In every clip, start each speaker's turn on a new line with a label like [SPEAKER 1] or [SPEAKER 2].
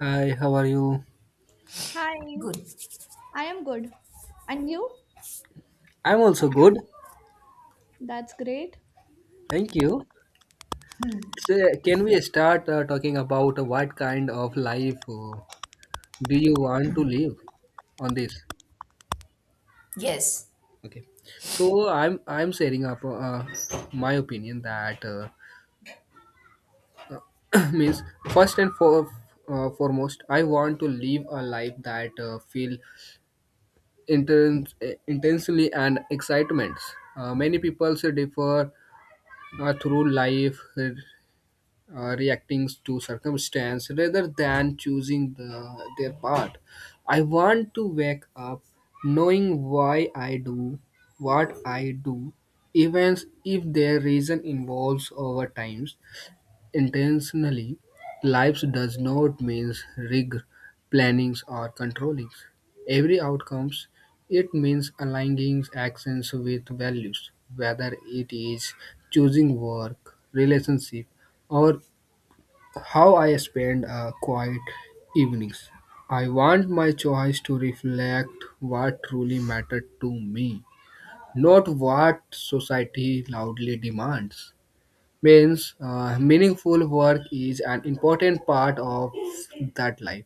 [SPEAKER 1] Hi, how are you?
[SPEAKER 2] Hi,
[SPEAKER 3] Good.
[SPEAKER 2] I am good. And you?
[SPEAKER 1] I'm also good.
[SPEAKER 2] That's great.
[SPEAKER 1] Thank you. So, can we start talking about what kind of life do you want to live on this?
[SPEAKER 3] Yes.
[SPEAKER 1] Okay. So, I'm sharing up my opinion that means first and for, foremost, I want to live a life that feel intense, intensely and excitements. Many people differ through life. Reacting to circumstance rather than choosing the, their part. I want to wake up knowing why I do what I do, even if their reason involves over times intentionally. Life does not mean rig, plannings, or controllings. Every outcomes it means aligning actions with values, whether it is choosing work, relationship, or how I spend quiet evenings. I want my choice to reflect what truly mattered to me, not what society loudly demands. Means meaningful work is an important part of that life.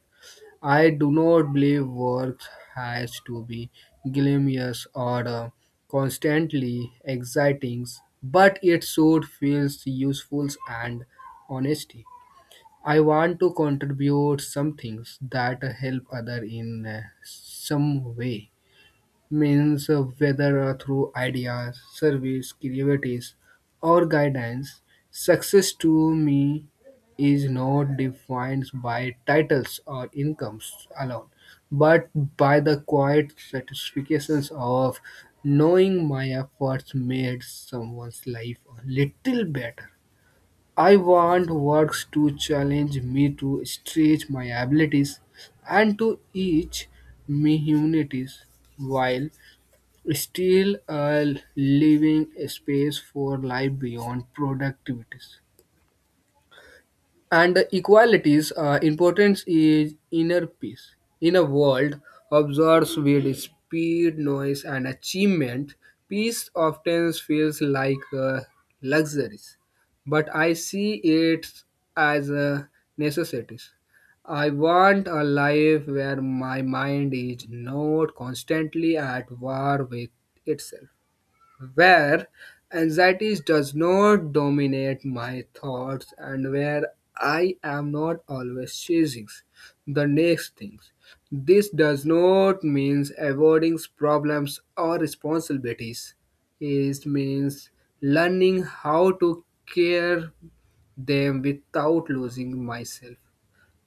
[SPEAKER 1] I do not believe work has to be glamorous or constantly exciting, but it should feel useful and honesty. I want to contribute some things that help other in some way. Means whether through ideas, service, creativities, or guidance, success to me is not defined by titles or incomes alone, but by the quiet satisfactions of knowing my efforts made someone's life a little better. I want works to challenge me to stretch my abilities and to teach me humanities while still a living space for life beyond productivities. And equality's importance is inner peace. In a world absorbed with speed, noise, and achievement, peace often feels like a luxury, but I see it as a necessity. I want a life where my mind is not constantly at war with itself where anxiety does not dominate my thoughts and where I am not always chasing the next things. This does not mean avoiding problems or responsibilities. It means learning how to care them without losing myself.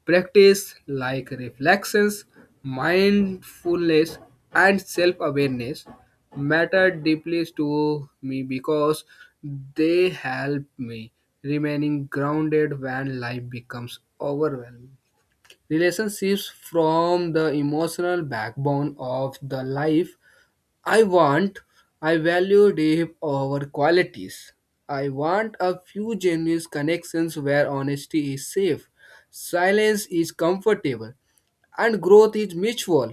[SPEAKER 1] Practice like reflections, mindfulness, and self awareness matter deeply to me because they help me remaining grounded when life becomes overwhelming. Relationships from the emotional backbone of the life I want, I value depth over qualities. I want a few genuine connections where honesty is safe, silence is comfortable, and growth is mutual.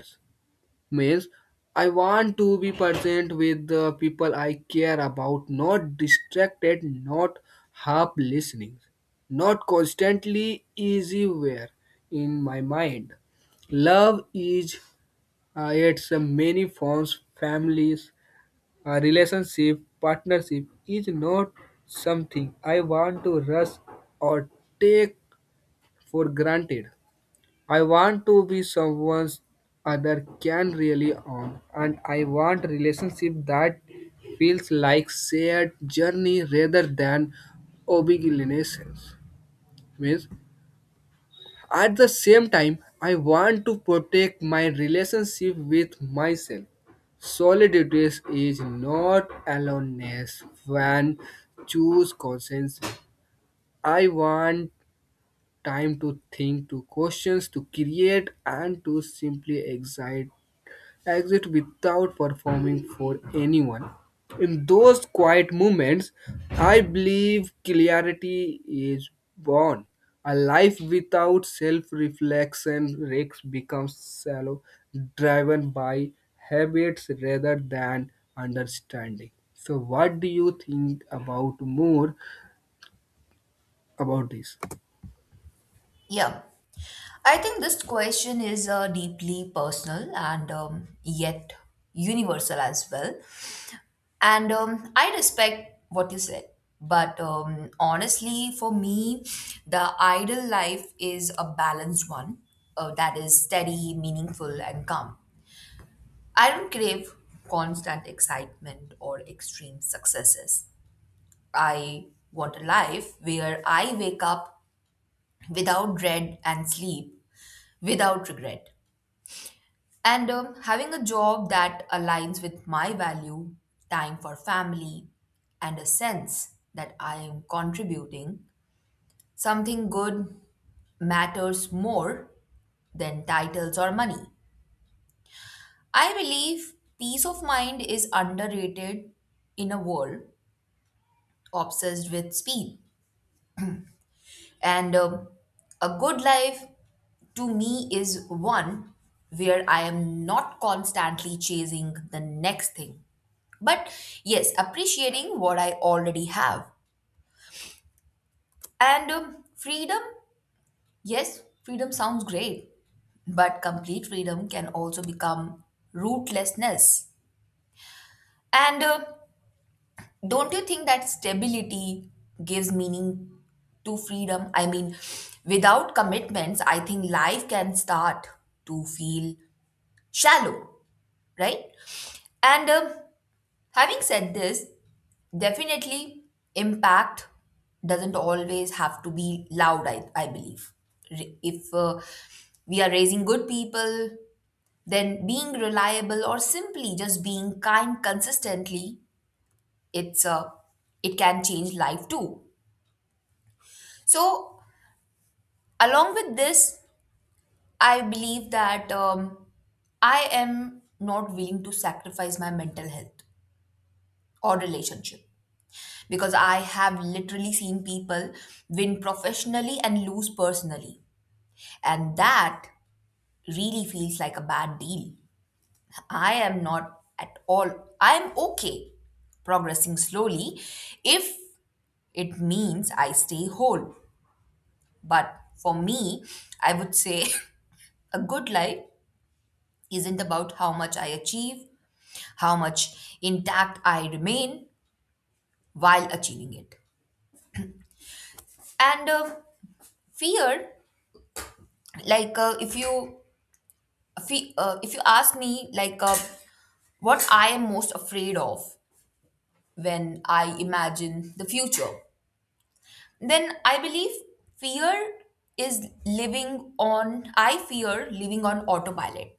[SPEAKER 1] Means, I want to be present with the people I care about, not distracted, not half listening, not constantly easywhere in my mind. Love is its many forms, families, a relationship partnership is not something I want to rush or take for granted. I want to be someone other can really on and I want relationship that feels like shared journey rather than obligations. Means at the same time, I want to protect my relationship with myself. Solitude is not aloneness when choose conscience. I want time to think, to questions, to create, and to simply exist exit without performing for anyone. In those quiet moments, I believe clarity is born. A life without self reflection risks becomes shallow, driven by habits rather than understanding. So, what do you think about more about this?
[SPEAKER 3] Yeah. I think this question is deeply personal and yet universal as well. And I respect what you said. But honestly, for me, the ideal life is a balanced one that is steady, meaningful, and calm. I don't crave constant excitement or extreme successes. I want a life where I wake up without dread and sleep without regret. And having a job that aligns with my value, time for family, and a sense that I am contributing something good matters more than titles or money. I believe peace of mind is underrated in a world obsessed with speed. And a good life to me is one where I am not constantly chasing the next thing. But yes, appreciating what I already have. And freedom, yes, freedom sounds great, but complete freedom can also become rootlessness. And don't you think that stability gives meaning to freedom? I mean, without commitments, I think life can start to feel shallow, right? And having said this, definitely, impact doesn't always have to be loud, I believe. If we are raising good people, then being reliable or simply just being kind consistently, it's uh, it can change life too. So, along with this, I believe that I am not willing to sacrifice my mental health or relationship because I have literally seen people win professionally and lose personally. And that really feels like a bad deal. I am not at all, I'm okay progressing slowly if it means I stay whole. But for me, I would say a good life isn't about how much I achieve, how much intact I remain while achieving it. And fear, if you if you ask me what I am most afraid of when I imagine the future, then I believe fear is living on I fear living on autopilot,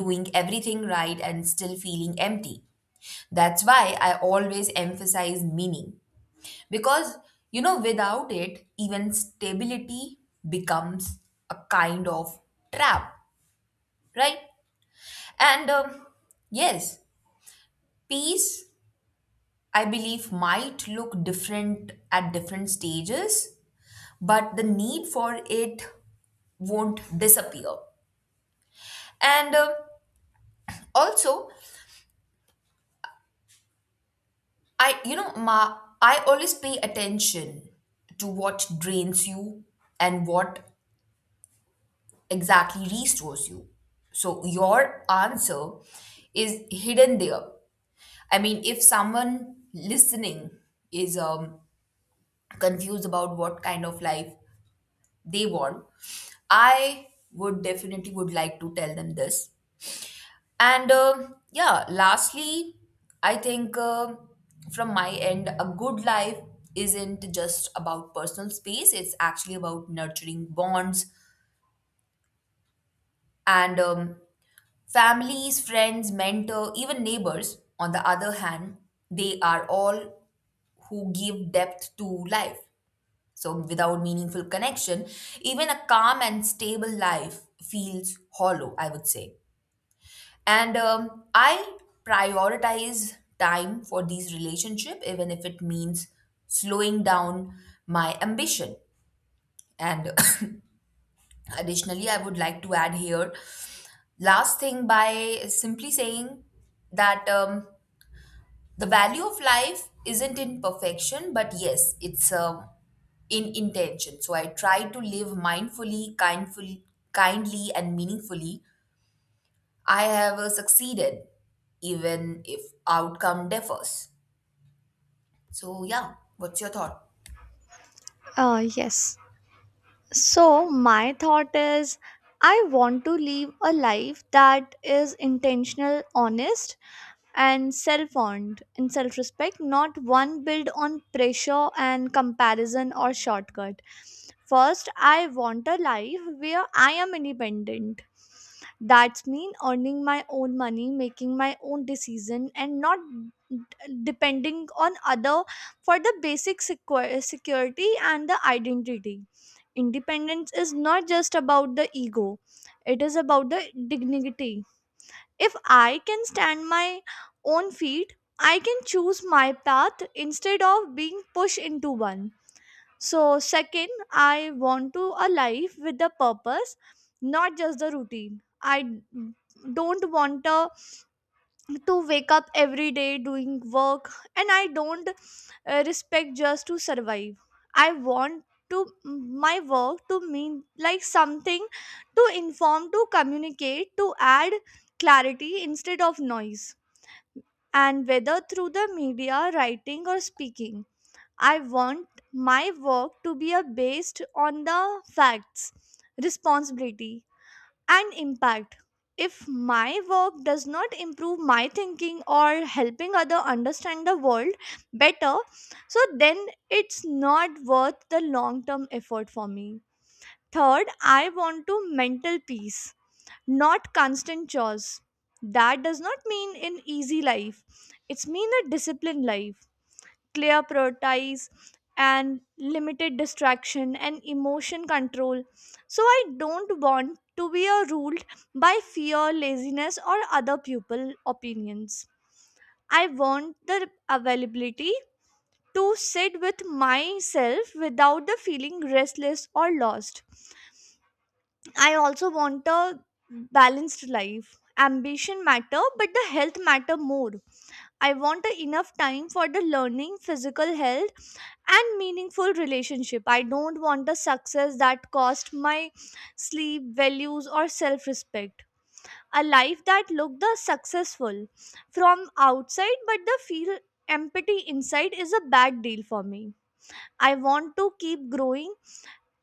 [SPEAKER 3] doing everything right and still feeling empty. That's why I always emphasize meaning, because you know, without it, even stability becomes a kind of trap, right? And yes, peace, I believe, might look different at different stages, but the need for it won't disappear. And also, I you know ma I always pay attention to what drains you and what exactly restores you. So your answer is hidden there. I mean, if someone listening is confused about what kind of life they want, I would definitely would like to tell them this. And yeah, lastly, I think from my end, a good life isn't just about personal space. It's actually about nurturing bonds. And families, friends, mentor, even neighbors on the other hand, they are all who give depth to life. So, without meaningful connection, even a calm and stable life feels hollow, I would say. And I prioritize time for these relationships, even if it means slowing down my ambition. And additionally, I would like to add here last thing by simply saying that the value of life isn't in perfection, but yes, it's a in intention. So I try to live mindfully, kindfully, kindly, and meaningfully. I have succeeded, even if outcome differs. So yeah, what's your thought?
[SPEAKER 2] Yes. So, my thought is I want to live a life that is intentional, honest, and self owned and self respect, not one built on pressure and comparison or shortcut. First, I want a life where I am independent. That's mean earning my own money, making my own decision, and not d- depending on other for the basic security and the identity. Independence is not just about the ego; it is about the dignity if I can stand my own feet, I can choose my path instead of being pushed into one. So, second, I want to a life with a purpose, not just the routine. I don't want a to wake up every day doing work and I don't respect just to survive. I want to my work to mean like something, to inform, to communicate, to add clarity instead of noise, and whether through the media writing or speaking, I want my work to be based on the facts, responsibility, and impact. If my work does not improve my thinking or helping other understand the world better, so then it's not worth the long term effort for me. Third, I want to mental peace, not constant chores. That does not mean an easy life. It's mean a disciplined life, clear priorities, and limited distraction and emotion control, so I don't want to be a ruled by fear, laziness, or other people opinions. I want the availability to sit with myself without the feeling restless or lost. I also want a balanced life. Ambition matter, but the health matter more. I want a enough time for the learning, physical health, and meaningful relationship. I don't want a success that cost my sleep, values, or self respect. A life that looked the successful from outside but the feel empty inside is a bad deal for me. I want to keep growing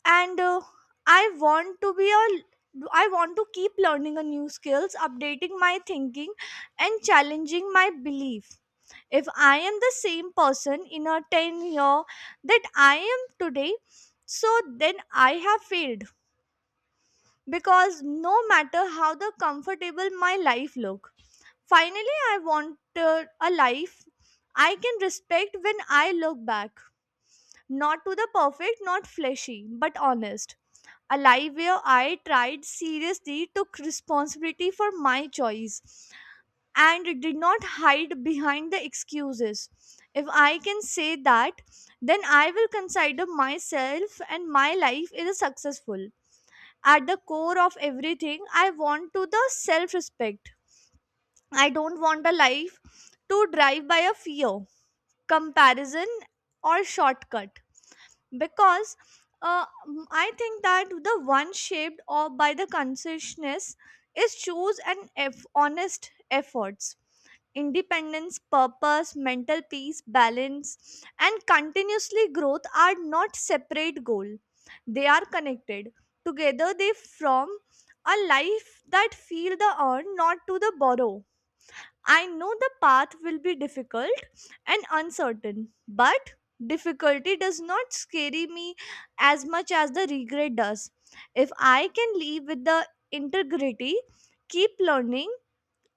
[SPEAKER 2] and I want to be a I want to keep learning a new skills, updating my thinking, and challenging my belief. If I am the same person in a 10 year that I am today, so then I have failed, because no matter how the comfortable my life look, finally I want a life I can respect when I look back, not to the perfect, not fleshy but honest, a life where I tried seriously, took responsibility for my choice, and it did not hide behind the excuses. If I can say that, then I will consider myself and my life is successful. At the core of everything, I want to the self-respect. I don't want a life to drive by a fear, comparison, or shortcut, because I think that the one shaped or by the consciousness is choose and honest efforts. Independence, purpose, mental peace, balance, and continuously growth are not separate goal. They are connected. Together they form a life that feel the earn, not to the borrow. I know the path will be difficult and uncertain. But difficulty does not scare me as much as the regret does. If I can live with the integrity, keep learning,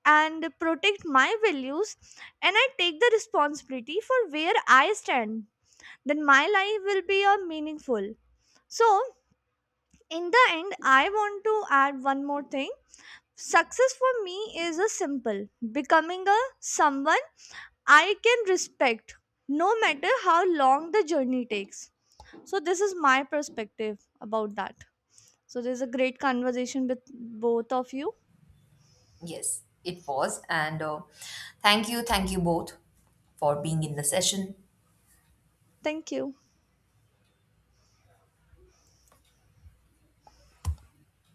[SPEAKER 2] and protect my values, and I take the responsibility for where I stand, then my life will be a meaningful. So, in the end, I want to add one more thing. Success for me is a simple becoming a someone I can respect no matter how long the journey takes. So, this is my perspective about that. So, there's a great conversation with both of you.
[SPEAKER 3] Yes, it was, and thank you both for being in the session.
[SPEAKER 2] Thank you.